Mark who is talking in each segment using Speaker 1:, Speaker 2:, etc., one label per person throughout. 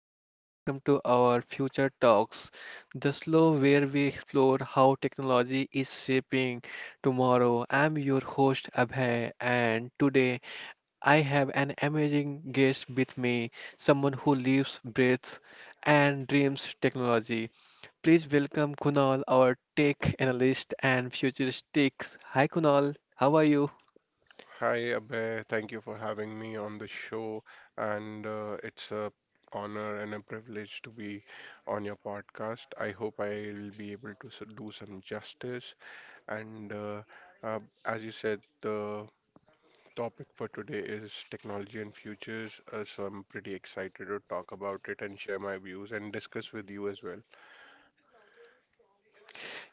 Speaker 1: and welcome to our Future Talks, the slow where we explore how technology is shaping tomorrow. I'm your host Abhay, and today I have an amazing guest with me, someone who lives, breathes, and dreams technology. Please welcome Kunal, our tech analyst and futuristic. Hi Kunal, how are you?
Speaker 2: Hi, Abhay. Thank you for having me on the show, and it's a honor and a privilege to be on your podcast. I hope I'll be able to do some justice. And uh, as you said, the topic for today is technology and futures, so I'm pretty excited to talk about it and share my views and discuss with you as well.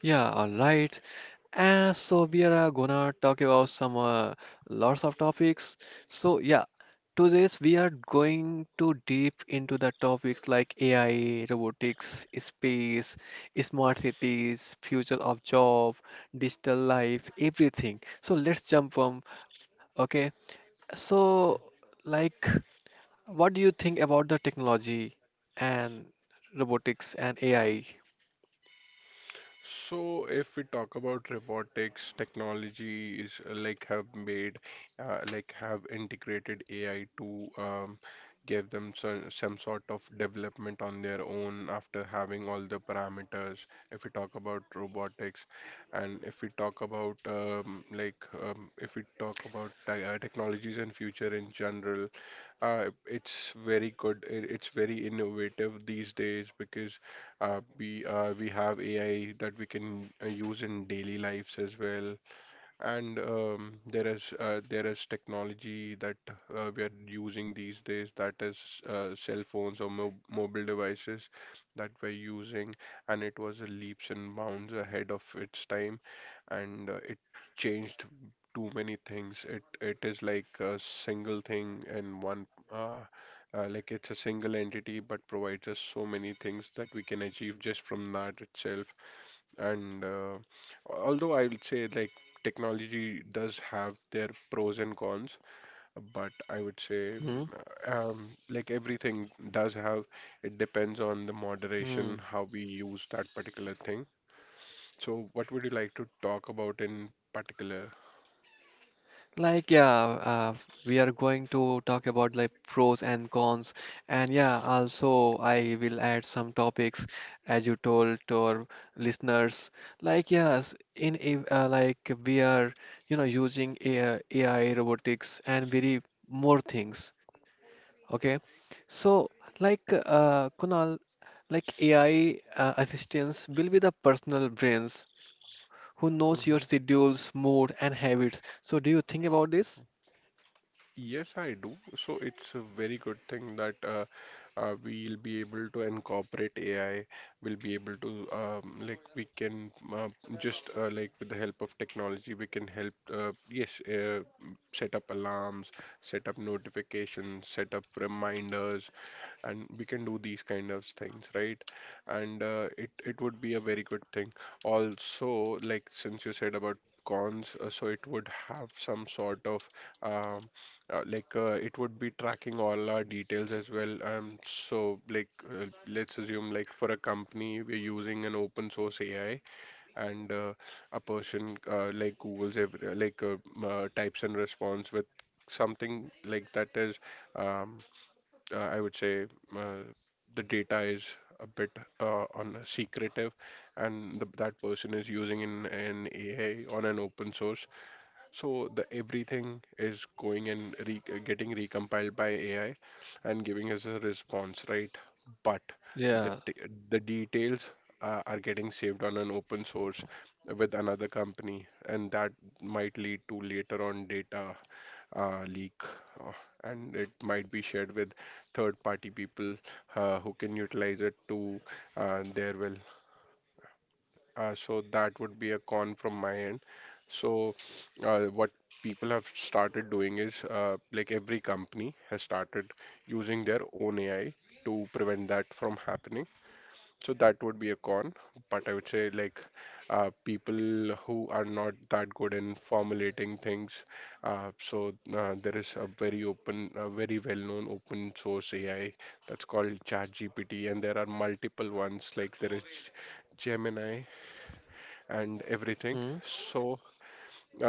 Speaker 1: Yeah, all right. So we are gonna talk about some lots of topics. So yeah, today's we are going to deep into the topics like AI, robotics, space, smart cities, future of job, digital life, everything. So let's jump from okay. So like, what do you think about the technology and robotics and AI?
Speaker 2: So, if we talk about robotics, technology is like have made, like have integrated AI to give them some sort of development on their own after having all the parameters. If we talk about robotics, and if we talk about technologies and future in general, it's very good. It's very innovative these days because we have AI that we can use in daily lives as well. And there is technology that we are using these days, that is cell phones or mo mobile devices that we're using, and it was a leaps and bounds ahead of its time, and it changed too many things. It is like a single thing and one uh, like it's a single entity, but provides us so many things that we can achieve just from that itself. And although I would say like technology does have their pros and cons, but I would say
Speaker 1: Hmm?
Speaker 2: like everything does have, it depends on the
Speaker 1: Hmm.
Speaker 2: moderation, how we use that particular thing. So what would you like to talk about in particular?
Speaker 1: Like, yeah, we are going to talk about like pros and cons, and yeah, also I will add some topics as you told to our listeners. Like, yes, like we are using AI, robotics and very more things. Okay, so like Kunal, like AI assistants will be the personal brains who knows your schedules, mood, and habits. So, do you think about this?
Speaker 2: Yes, I do. So it's a very good thing that we'll be able to incorporate AI. We'll be able to like we can just like with the help of technology, we can help. Yes, set up alarms, set up notifications, set up reminders, and we can do these kind of things right and it would be a very good thing also like since you said about cons so it would have some sort of um, like it would be tracking all our details as well so like let's assume like for a company we're using an open source AI and a person like Google's every, types and response with something like that is um, I would say uh, the data is a bit on a secretive, and that person is using in an AI on an open source. So the everything is going and re getting recompiled by AI and giving us a response, right? But the
Speaker 1: Yeah.
Speaker 2: de- the details are getting saved on an open source with another company, and that might lead to later on data leak, uh, and it might be shared with third-party people who can utilize it to their will. So that would be a con from my end. So what people have started doing is like every company has started using their own AI to prevent that from happening. So that would be a con, but I would say like people who are not that good in formulating things. There is a very open, a very well-known open source AI that's called ChatGPT, and there are multiple ones like there is Gemini and
Speaker 1: Hmm.
Speaker 2: everything. So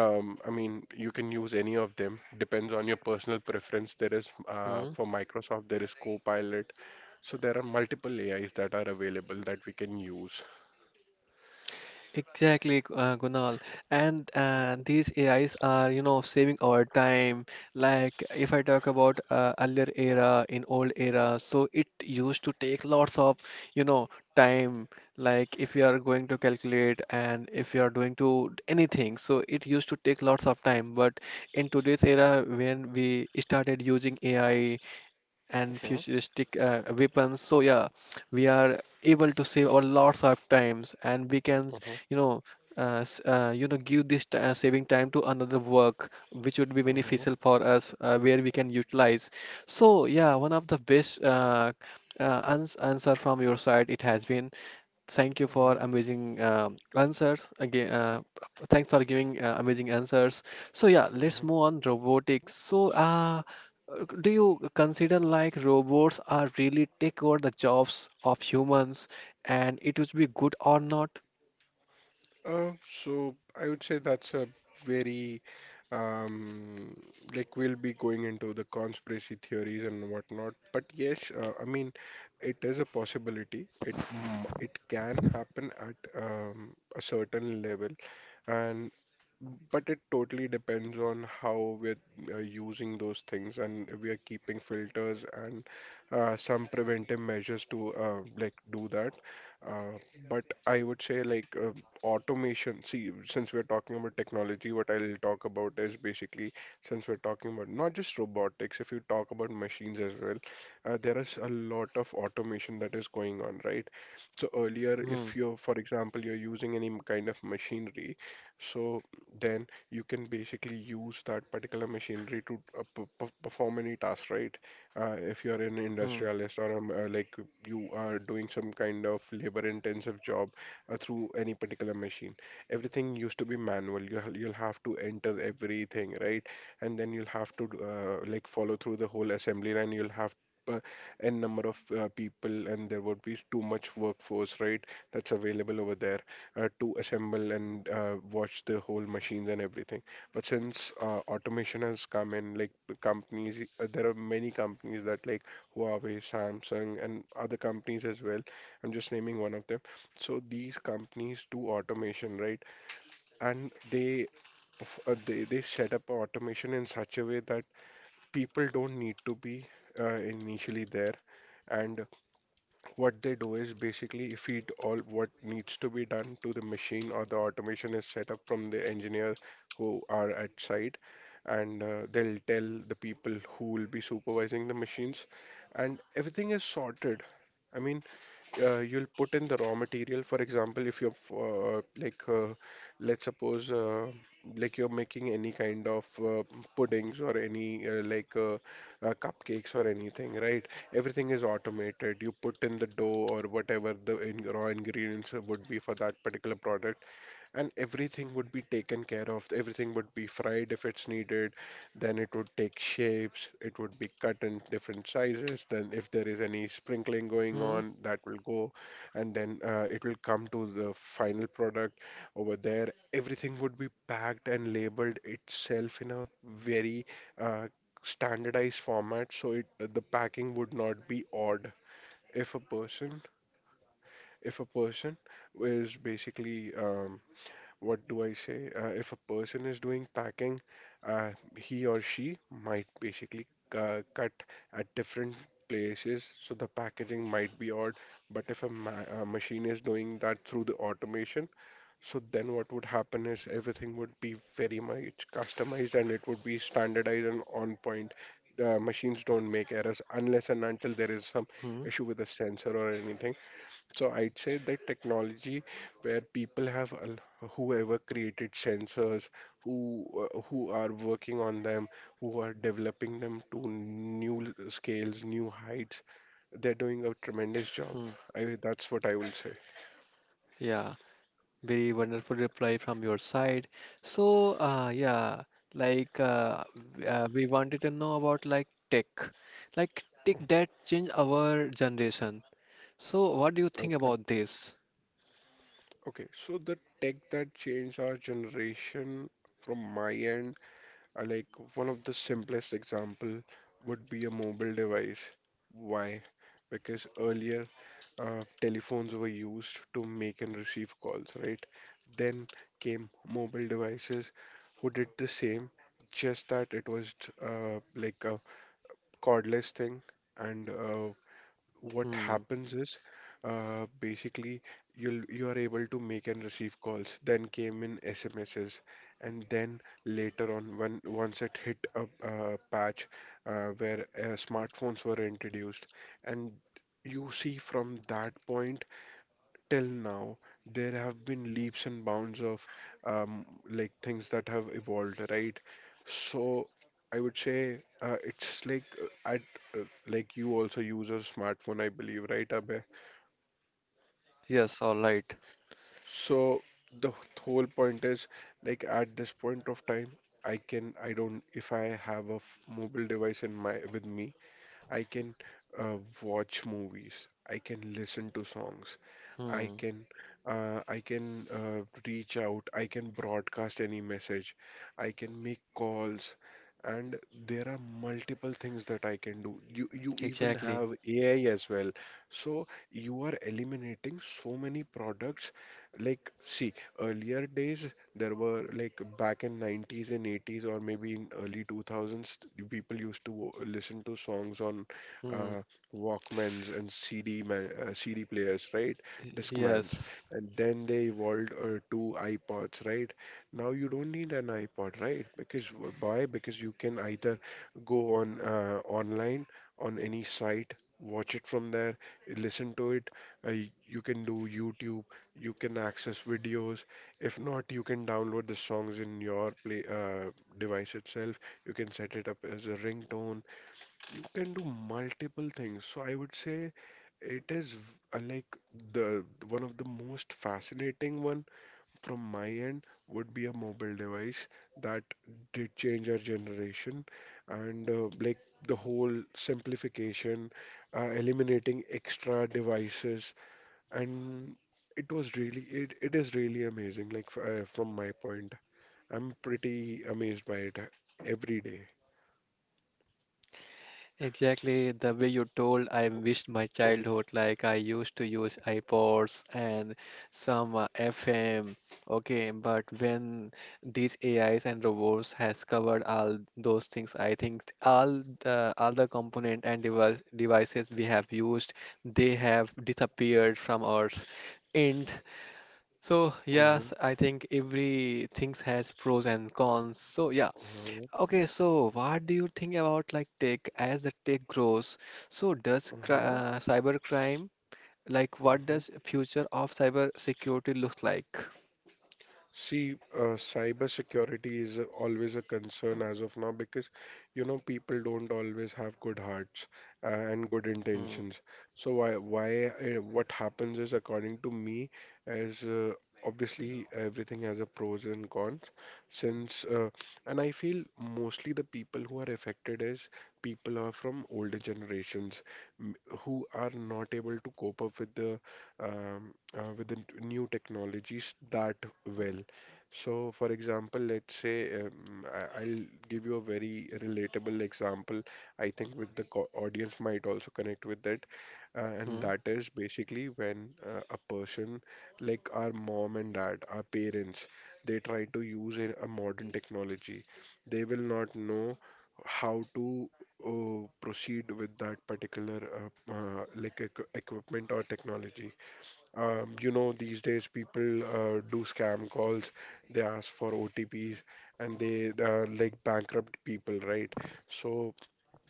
Speaker 2: I mean, you can use any of them. Depends on your personal preference. There is
Speaker 1: Hmm.
Speaker 2: for Microsoft, there is Copilot. So there are multiple AIs that are available that we can use.
Speaker 1: Exactly, Kunal. And these AIs are saving our time. Like if I talk about earlier era in old era, so it used to take lots of time. Like if you are going to calculate and if you are doing to anything, so it used to take lots of time. But in today's era, when we started using AI and
Speaker 2: Mm-hmm.
Speaker 1: futuristic weapons, so yeah, we are able to save our lots of times, and we can
Speaker 2: Mm-hmm.
Speaker 1: you know give this saving time to another work which would be
Speaker 2: Mm-hmm.
Speaker 1: beneficial for us where we can utilize. So yeah, one of the best answer from your side it has been. Thank you for
Speaker 2: Mm-hmm.
Speaker 1: amazing answers again. Thanks for giving amazing answers. So yeah, let's
Speaker 2: Mm-hmm.
Speaker 1: move on robotics. So do you consider like robots are really take over the jobs of humans, and it would be good or not?
Speaker 2: Uh, so I would say that's a very um, like we'll be going into the conspiracy theories and whatnot. But yes, I mean, it is a possibility. It can happen at a certain level, and but it totally depends on how we're using those things and we are keeping filters and some preventive measures to like do that. Uh, but I would say like automation. See, since we're talking about technology, what I'll talk about is basically since we're talking about not just robotics, if you talk about machines as well, there is a lot of automation that is going on, right? So earlier,
Speaker 1: Hmm.
Speaker 2: if you're, for example, you're using kind of machinery, so then you can basically use that particular machinery to perform any task, right? If you're an
Speaker 1: Hmm,
Speaker 2: industrialist or like you are doing some kind of labor-intensive job through any particular machine. Everything used to be manual. You'll have to enter everything, right? And then you'll have to like follow through the whole assembly line. You'll have uh, n number of people, and there would be too much workforce, right? That's available over there to assemble and watch the whole machines and everything. But since automation has come in, like the companies, there are many companies that like Huawei, Samsung, and other companies as well. I'm just naming one of them so these companies do automation, right? And they set up automation in such a way that people don't need to be initially there. And what they do is basically feed all what needs to be done to the machine or the automation is set up from the engineer who are at site, and they'll tell the people who will be supervising the machines, and everything is sorted. I mean you'll put in the raw material. For example, if you're f- like, let's suppose, like you're making any kind of puddings or any cupcakes or anything, right? Everything is automated. You put in the dough or whatever the in raw ingredients would be for that particular product. And everything would be taken care of. Everything would be fried if it's needed. Then it would take shapes. It would be cut in different sizes. Then, if there is any sprinkling going
Speaker 1: hmm,
Speaker 2: on, that will go. And then it will come to the final product over there. Everything would be packed and labeled itself in a very uh, standardized format. So it, the packing would not be odd. If a person, if a person is basically what do I say? If a person is doing packing, he or she might basically cut at different places, so the packaging might be odd. But if a ma machine is doing that through the automation, so then what would happen is everything would be very much customized and it would be standardized and on point. The machines don't make errors unless and until there is some
Speaker 1: hmm,
Speaker 2: issue with the sensor or anything. So I'd say that technology where whoever created sensors, who who are working on them, who are developing them to scales, new heights, they're doing a tremendous
Speaker 1: hmm.
Speaker 2: job. That's what I will say.
Speaker 1: Yeah, very wonderful reply from your side. So, yeah, like we wanted to know about like tech
Speaker 2: Mm.
Speaker 1: that changed our generation. So, what do you think
Speaker 2: Okay.
Speaker 1: about this?
Speaker 2: Okay. So the tech that changed our generation from my end, I like one of the simplest example would be a mobile device. Why? Because earlier telephones were used to make and receive calls, right? Then came mobile devices who did the same, just that it was like a cordless thing. And what
Speaker 1: Hmm.
Speaker 2: happens is basically you are able to make and receive calls. Then came in SMSs, and then later on, when once it hit a, patch where smartphones were introduced, and you see from that point till now there have been leaps and bounds of like things that have evolved right so I would say it's like at like you also use a smartphone I believe right Abhay?
Speaker 1: Yes, all right.
Speaker 2: So whole point is like at this point of time I don't if I have a mobile device in my with me I can uh, watch movies, I can listen to songs, I
Speaker 1: Hmm.
Speaker 2: can uh, I can uh, reach out, I can broadcast any message, I can make calls, and there are multiple things that I can do. You even
Speaker 1: Exactly.
Speaker 2: have AI as well. So you are eliminating so many products. Like, see, earlier days there were like back in 90s and 80s or maybe in early 2000s, people used to listen to songs on
Speaker 1: Hmm.
Speaker 2: uh, Walkmans and CD players, right?
Speaker 1: y-
Speaker 2: Discmans,
Speaker 1: Yes.
Speaker 2: and then they evolved to iPods, right? Now you don't need an iPod, right? Because why? Because you can either go on online on any site, watch it from there, listen to it. You can do YouTube, you can access videos. If not, you can download the songs in your play device itself. You can set it up as a ringtone. You can do multiple things. So I would say it is v- like the one of the most fascinating one from my end would be a mobile device that did change our generation and the whole simplification, eliminating extra devices and it is really amazing like f from my point. I'm pretty amazed by it every day.
Speaker 1: Exactly the way you told, I missed my
Speaker 2: Mhm,
Speaker 1: childhood. Like I used to use iPods and some FM. Okay, but when these AIs and robots has covered all those things, I think all the component and devices we have used, they have disappeared from our end. So
Speaker 2: mhm,
Speaker 1: yes, I think every things has pros and cons. So yeah,
Speaker 2: mhm,
Speaker 1: okay, so what do you think about like tech as the tech grows? So does cri
Speaker 2: mhm.
Speaker 1: cybercrime, like, what
Speaker 2: Mhm.
Speaker 1: does future of cyber security look like?
Speaker 2: See, cyber security is always a concern as of now because, you know, people don't always have good hearts and good
Speaker 1: Hmm,
Speaker 2: intentions. So what happens is, according to me, is obviously everything has a pros and cons. Since, uh, and I feel mostly the people who are affected is people who are from older generations who are not able to cope up with the um, uh, with the new technologies that well. So, for example, let's say I'll give you a very relatable example. I think with the co audience might also connect with that, and
Speaker 1: hmm,
Speaker 2: that is basically when a person like our mom and dad, our parents, they try to use a modern technology. They will not know how to proceed with that particular equipment or technology. You know, these days people do scam calls, they ask for OTPs, and they like bankrupt people, right? So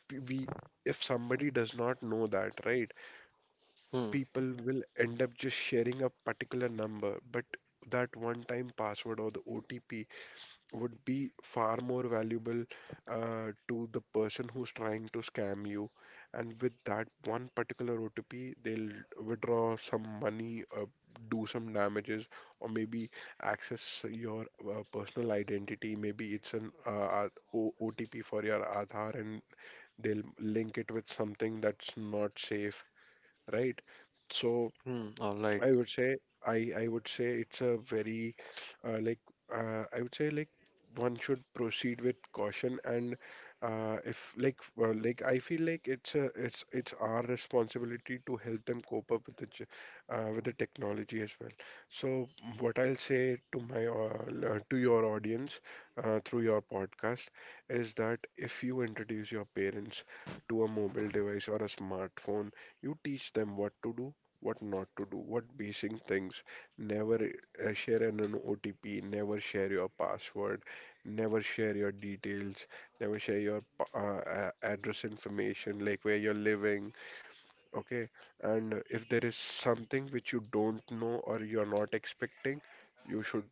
Speaker 2: we, if somebody does not know that, right,
Speaker 1: hmm,
Speaker 2: people will end up just sharing a particular number, but that one-time password or the OTP would be far more valuable to the person who's trying to scam you. And with that one particular OTP, they'll withdraw some money, do some damages, or maybe access your personal identity. Maybe it's an OTP for your Aadhaar, and they'll link it with something that's not safe, right? So.
Speaker 1: hmm. All right.
Speaker 2: I would say I would say it's a very uh, like I would say like one should proceed with caution and if like like I feel like it's our responsibility to help them cope up with the with the technology as well. So what I'll say to my to your audience through your podcast is that if you introduce your parents to a mobile device or a smartphone, you teach them what to do what not to do, what basic things. Never share an OTP, never share your password, never share your details, never share your address information, like where you're living. Okay, and if there is something which you don't know or you're not expecting, you should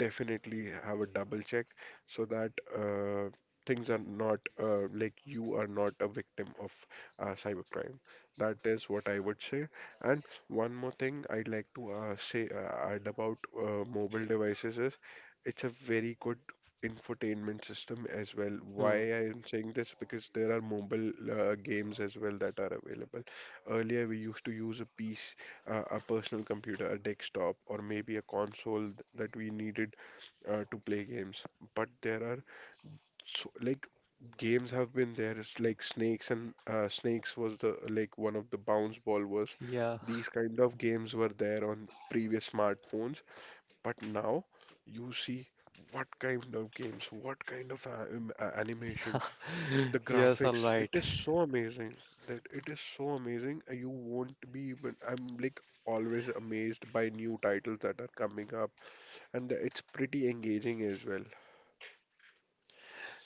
Speaker 2: definitely have a double check so that things are not you are not a victim of cybercrime. That is what I would say. And one more thing I'd like to say add about mobile devices is it's a very good infotainment system as well. Why
Speaker 1: Hmm.
Speaker 2: I am saying this because there are mobile games as well that are available. Earlier we used to use a PC, a personal computer, a desktop, or maybe a console that we needed to play games. But there are so, like games have been there. It's like Snakes and Snakes was the like one of the bounce ball was.
Speaker 1: Yeah.
Speaker 2: These kind of games were there on previous smartphones, but now you see what kind of games, what kind of animation, the
Speaker 1: Yes. All
Speaker 2: graphics, it
Speaker 1: right.
Speaker 2: is so amazing that it is so amazing. You won't be even. I'm like always amazed by new titles that are coming up, and the, it's pretty engaging as well.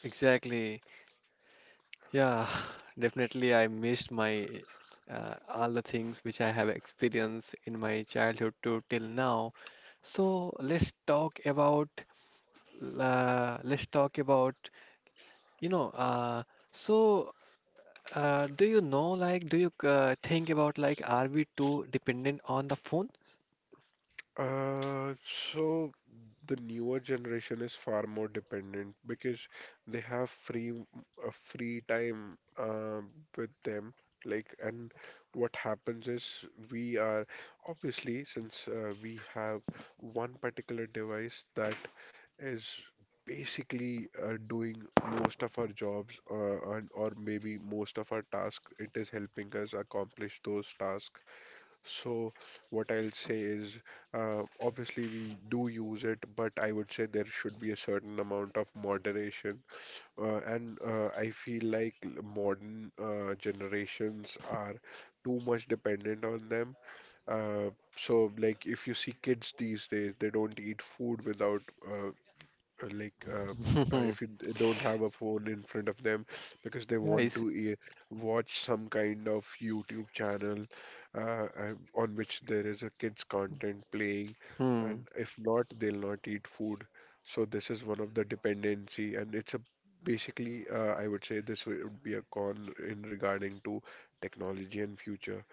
Speaker 1: Exactly. Yeah. Definitely, I missed my all the things which I have experienced in my childhood to till now. So let's talk about. uh, let's talk about You know, uh, so do you think about, like, are we too dependent on the phone?
Speaker 2: So the newer generation is far more dependent because they have free free time with them. Like, and what happens is we are obviously since we have one particular device that is basically doing most of our jobs and or maybe most of our tasks. It is helping us accomplish those tasks so, what I'll say is, obviously we do use it, but I would say there should be a certain amount of moderation. And I feel like modern generations are too much dependent on them. Uh, so, like if you see kids these days, they don't eat food without uh, uh, like uh, if you don't have a phone in front of them because they want
Speaker 1: Guys,
Speaker 2: to watch some kind of YouTube channel and on which there is a kids content playing,
Speaker 1: hmm,
Speaker 2: and if not, they'll not eat food. So this is one of the dependency, and it's a basically I would say this would be a con in regarding to technology and future.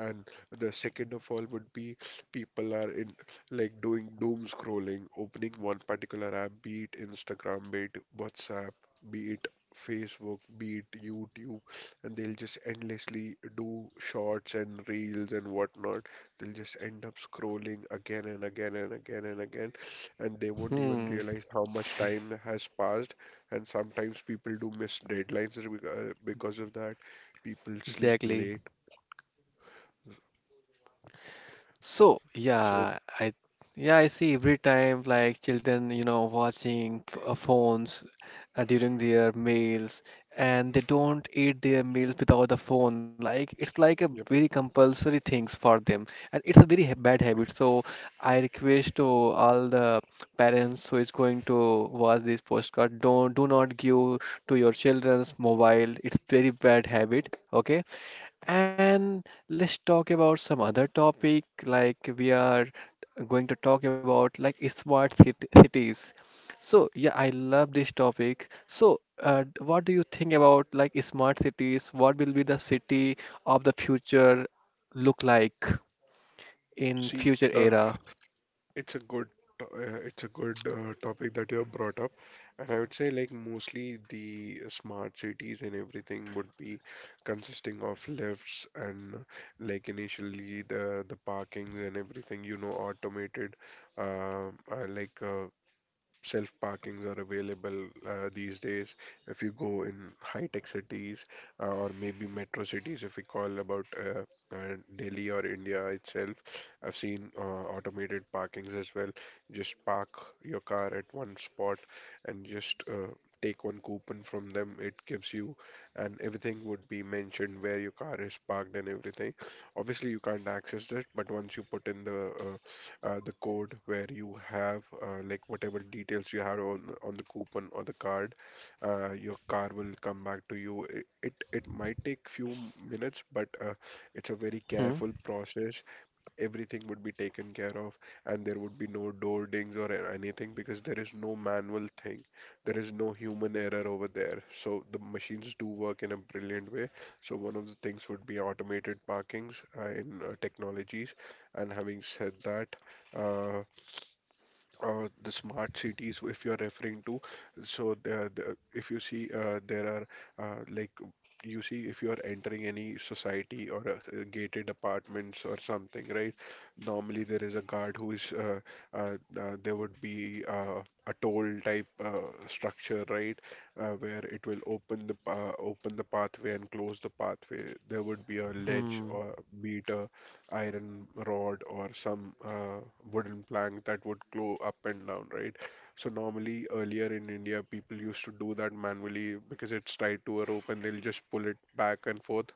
Speaker 2: And the second of all would be people are in like doing doom scrolling, opening one particular app, be it Instagram, be it WhatsApp, be it Facebook, be it YouTube, and they'll just endlessly do shorts and reels and whatnot. They'll just end up scrolling again and again and again and again, and they won't even
Speaker 1: hmm,
Speaker 2: realize how much time has passed. And sometimes people do miss deadlines because of that. People sleep
Speaker 1: exactly.
Speaker 2: late.
Speaker 1: So,
Speaker 2: So,
Speaker 1: yeah, I see every time like children watching phones during their meals, and they don't eat their meals without the phone. Like it's like a
Speaker 2: yep.
Speaker 1: very compulsory things for them, and it's a very ha bad habit. So I request to all the parents who is going to watch this postcard, don't do not give to your children's mobile. It's very bad habit, okay? And let's talk about some other topic like we are going to talk about like smart cities. So yeah, I love this topic. So what do you think about like smart cities? What will be the city of the future look like in
Speaker 2: See,
Speaker 1: future
Speaker 2: uh,
Speaker 1: era?
Speaker 2: it's a good, it's a good topic that you have brought up, and I would say like mostly the smart cities and everything would be consisting of lifts and initially the parkings and everything you know automated, uh, uh, like uh, self parkings are available these days. If you go in high tech cities or maybe metro cities, if we call about Delhi or India itself, I've seen automated parkings as well. Just park your car at one spot and just take one coupon from them. It gives you, and everything would be mentioned where your car is parked and everything. Obviously, you can't access it, but once you put in the code where you have whatever details you have on the coupon or the card, your car will come back to you. It might take few minutes, but it's a very
Speaker 1: Hmm.
Speaker 2: careful process everything would be taken care of and there would be no door dings or anything because there is no manual thing. There is no human error over there. So the machines do work in a brilliant way. So one of the things would be automated parkings in technologies. And having said that, uh, the smart cities if you're referring to so if you see there are uh, like you see if you are entering any society or gated apartments or something right normally there is a guard who is there would be a toll type structure right where it will open the open the pathway and close the pathway there would be a ledge
Speaker 1: Hmm.
Speaker 2: or beat a iron rod or some wooden plank that would go up and down, right? So normally earlier in India, people used to do that manually because it's tied to a rope and they'll just pull it back and forth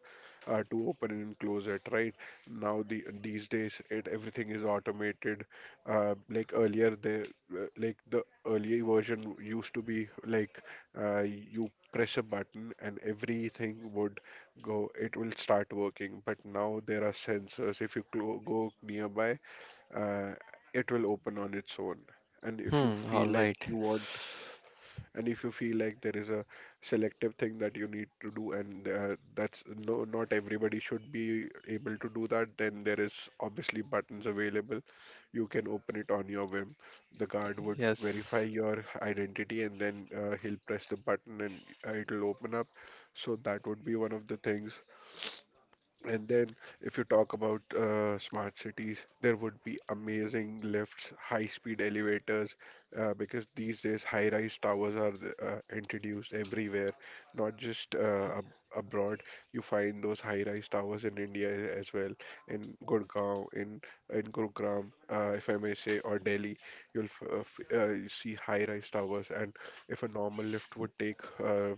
Speaker 2: to open and close it, right? Now these days it everything is automated. Earlier, the earlier version used to be like you press a button and everything would go, it will start working. But now there are sensors. If you clo go nearby, uh, it will open on its own. And if you
Speaker 1: Hmm.
Speaker 2: feel
Speaker 1: All
Speaker 2: like
Speaker 1: right.
Speaker 2: you want, and if you feel like there is a selective thing that you need to do, and that's no, not everybody should be able to do that, then there is obviously buttons available. You can open it on your whim. The guard would verify
Speaker 1: Yes.
Speaker 2: your identity, and then he'll press the button, and it'll open up. So that would be one of the things. And then, if you talk about smart cities, there would be amazing lifts, high-speed elevators, because these days high-rise towers are introduced everywhere, not just ab abroad. You find those high-rise towers in India as well, in Gurgaon, in Gurugram, if I may say, or Delhi. You'll f f You see high-rise towers, and if a normal lift would take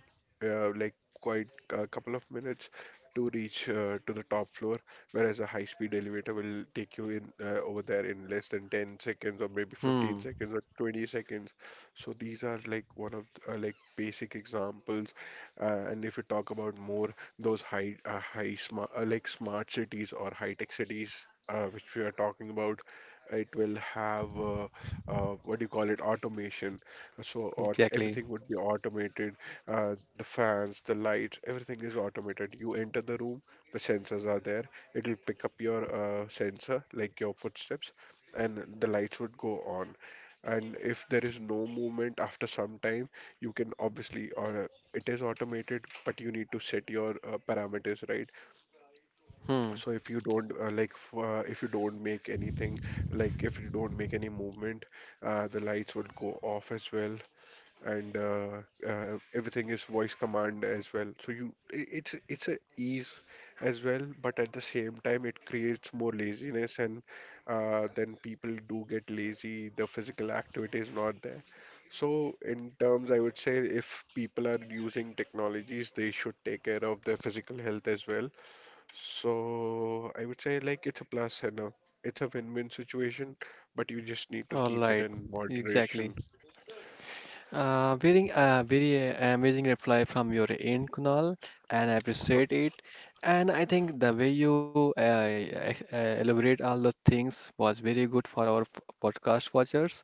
Speaker 2: uh, like quite a couple of minutes to reach to the top floor, whereas a high-speed elevator will take you in over there in less than 10 seconds or maybe 15
Speaker 1: Hmm.
Speaker 2: seconds or 20 seconds. So these are like one of basic examples. And if you talk about more those high high smart like smart cities or high-tech cities which we are talking about, it will have what do you call it, automation. So aut
Speaker 1: Exactly.
Speaker 2: everything would be automated, the fans, the lights, everything is automated. You enter the room, the sensors are there. It'll pick up your sensor, like your footsteps, and the lights would go on. And if there is no movement after some time, you can obviously, or it is automated, but you need to set your parameters right.
Speaker 1: Hmm.
Speaker 2: So if you don't like, if you don't make anything, like if you don't make any movement, the lights would go off as well. And Everything is voice command as well. So you, I- it's a ease as well, but at the same time, it creates more laziness, and then people do get lazy. The physical activity is not there. So in terms, I would say if people are using technologies, they should take care of their physical health as well. So I would say like it's a plus and a, it's a win-win situation, but you just need to
Speaker 1: All
Speaker 2: keep it
Speaker 1: right.
Speaker 2: in
Speaker 1: Exactly.
Speaker 2: moderation.
Speaker 1: Very amazing reply from your end, Kunal, and I appreciate it. And I think the way you elaborate all the things was very good for our podcast watchers.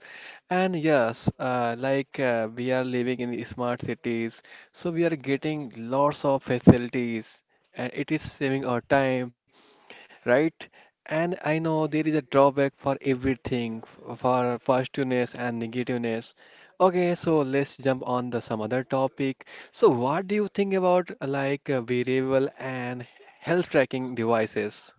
Speaker 1: And yes, like we are living in smart cities, so we are getting lots of facilities, and it is saving our time, right? And I know there is a drawback for everything, for positiveness and negativeness. Okay, so let's jump on the some other topic. So what do you think about like wearable and health tracking devices?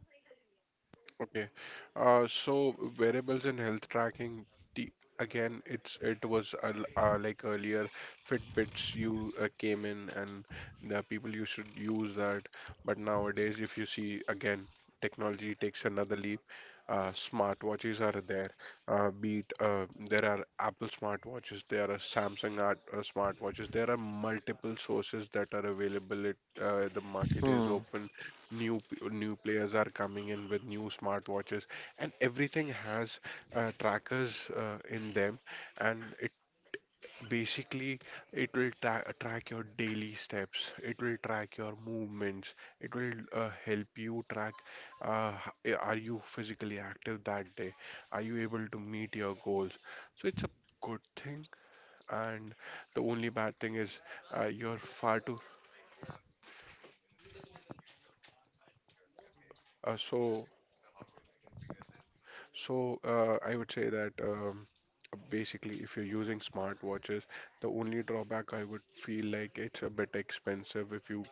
Speaker 2: Okay. So variables and health tracking, the, again, it was like earlier, Fitbits you came in and the people you should use that. But nowadays, if you see again, technology takes another leap. Smartwatches are there. Be it There are Apple smartwatches, there are Samsung smartwatches. There are multiple sources that are available. It The market is
Speaker 1: Hmm,
Speaker 2: open. New new players are coming in with new smartwatches, and everything has trackers in them, and it basically, it will track your daily steps, it will track your movements, it will help you track, uh, h- are you physically active that day, are you able to meet your goals. So it's a good thing, and the only bad thing is you're far too uh, so So, I would say that basically, if you're using smartwatches, the only drawback I would feel like it's a bit expensive if you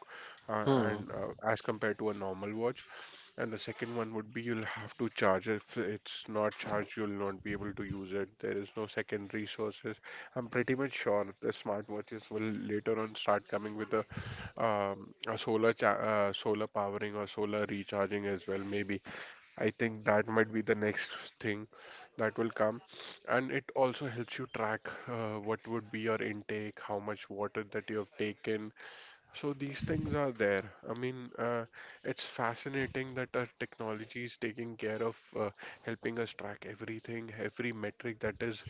Speaker 1: hmm.
Speaker 2: and as compared to a normal watch. And the second one would be you'll have to charge. If it's not charged, you'll not be able to use it. There is no secondary sources. I'm pretty much sure the smartwatches will later on start coming with a solar powering or solar recharging as well, maybe. I think that might be the next thing that will come. And it also helps you track what would be your intake, how much water that you have taken. So these things are there. I mean, it's fascinating that our technology is taking care of helping us track everything, every metric that is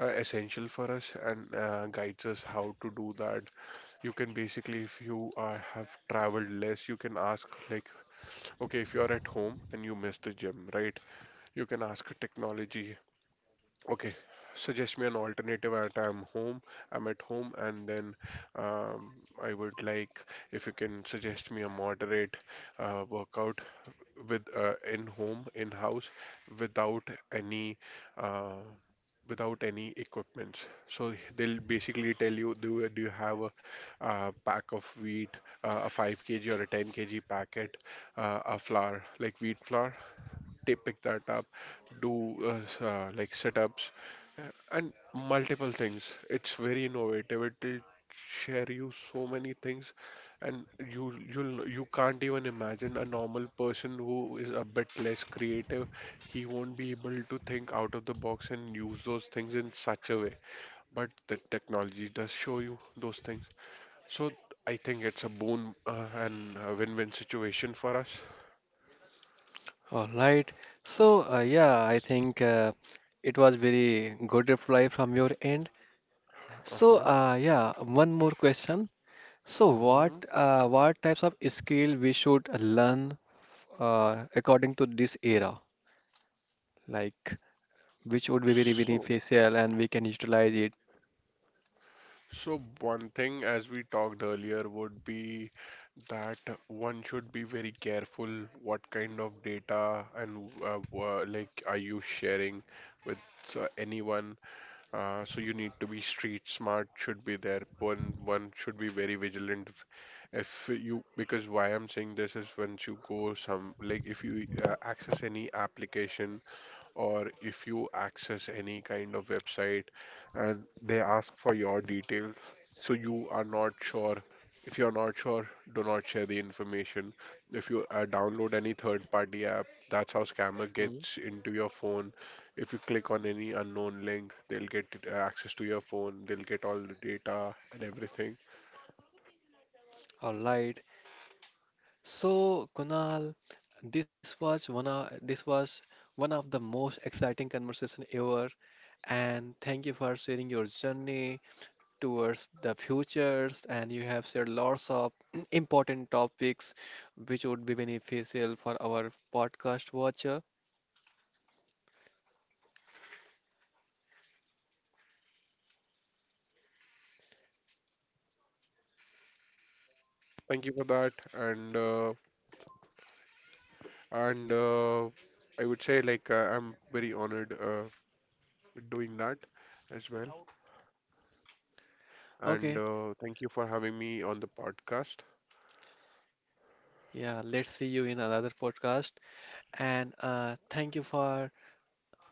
Speaker 2: essential for us, and guides us how to do that. You can basically, if you are have traveled less, you can ask like, okay, if you're at home and you miss the gym, right? You can ask technology, okay, suggest me an alternative at I'm at home, and then um, I would like if you can suggest me a moderate workout with in home, in house, without any uh, without any equipments. So they'll basically tell you, do you have a, pack of wheat, a 5 kg or a 10 kg packet, a flour like wheat flour, they pick that up, do like setups and multiple things. It's very innovative. It will share you so many things, and you can't even imagine a normal person who is a bit less creative. He won't be able to think out of the box and use those things in such a way. But the technology does show you those things. So I think it's a boon and a win-win situation for us.
Speaker 1: All right. So yeah, I think it was very good reply from your end. So
Speaker 2: Uh-huh.
Speaker 1: yeah, one more question. So what
Speaker 2: Hmm.
Speaker 1: uh, what types of skill we should learn according to this era, like which would be very
Speaker 2: So
Speaker 1: beneficial and we can utilize it.
Speaker 2: So one thing, as we talked earlier, would be that one should be very careful what kind of data and like are you sharing with anyone. So you need to be street smart should be there. One should be very vigilant if you, because why I'm saying this is, once you go some like if you access any application or if you access any kind of website and they ask for your details, so you are not sure. If you are not sure, do not share the information. If you download any third party app, that's how scammer
Speaker 1: Hmm.
Speaker 2: gets into your phone. If you click on any unknown link, they'll get access to your phone, they'll get all the data and everything.
Speaker 1: All right. So, Kunal, this was one of the most exciting conversation ever, and thank you for sharing your journey towards the futures. And you have shared lots of important topics, which would be beneficial for our podcast watcher.
Speaker 2: Thank you for that. And I would say like I'm very honored with doing that as well.
Speaker 1: Okay,
Speaker 2: And thank you for having me on the podcast.
Speaker 1: yeah, let's see you in another podcast. And thank you for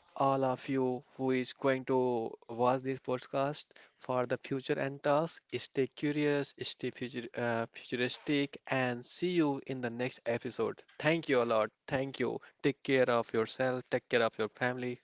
Speaker 1: all of you who is going to watch this podcast for the future and tasks. Stay curious, stay futuristic, and see you in the next episode. Thank you a lot. Thank you. Take care of yourself. Take care of your family.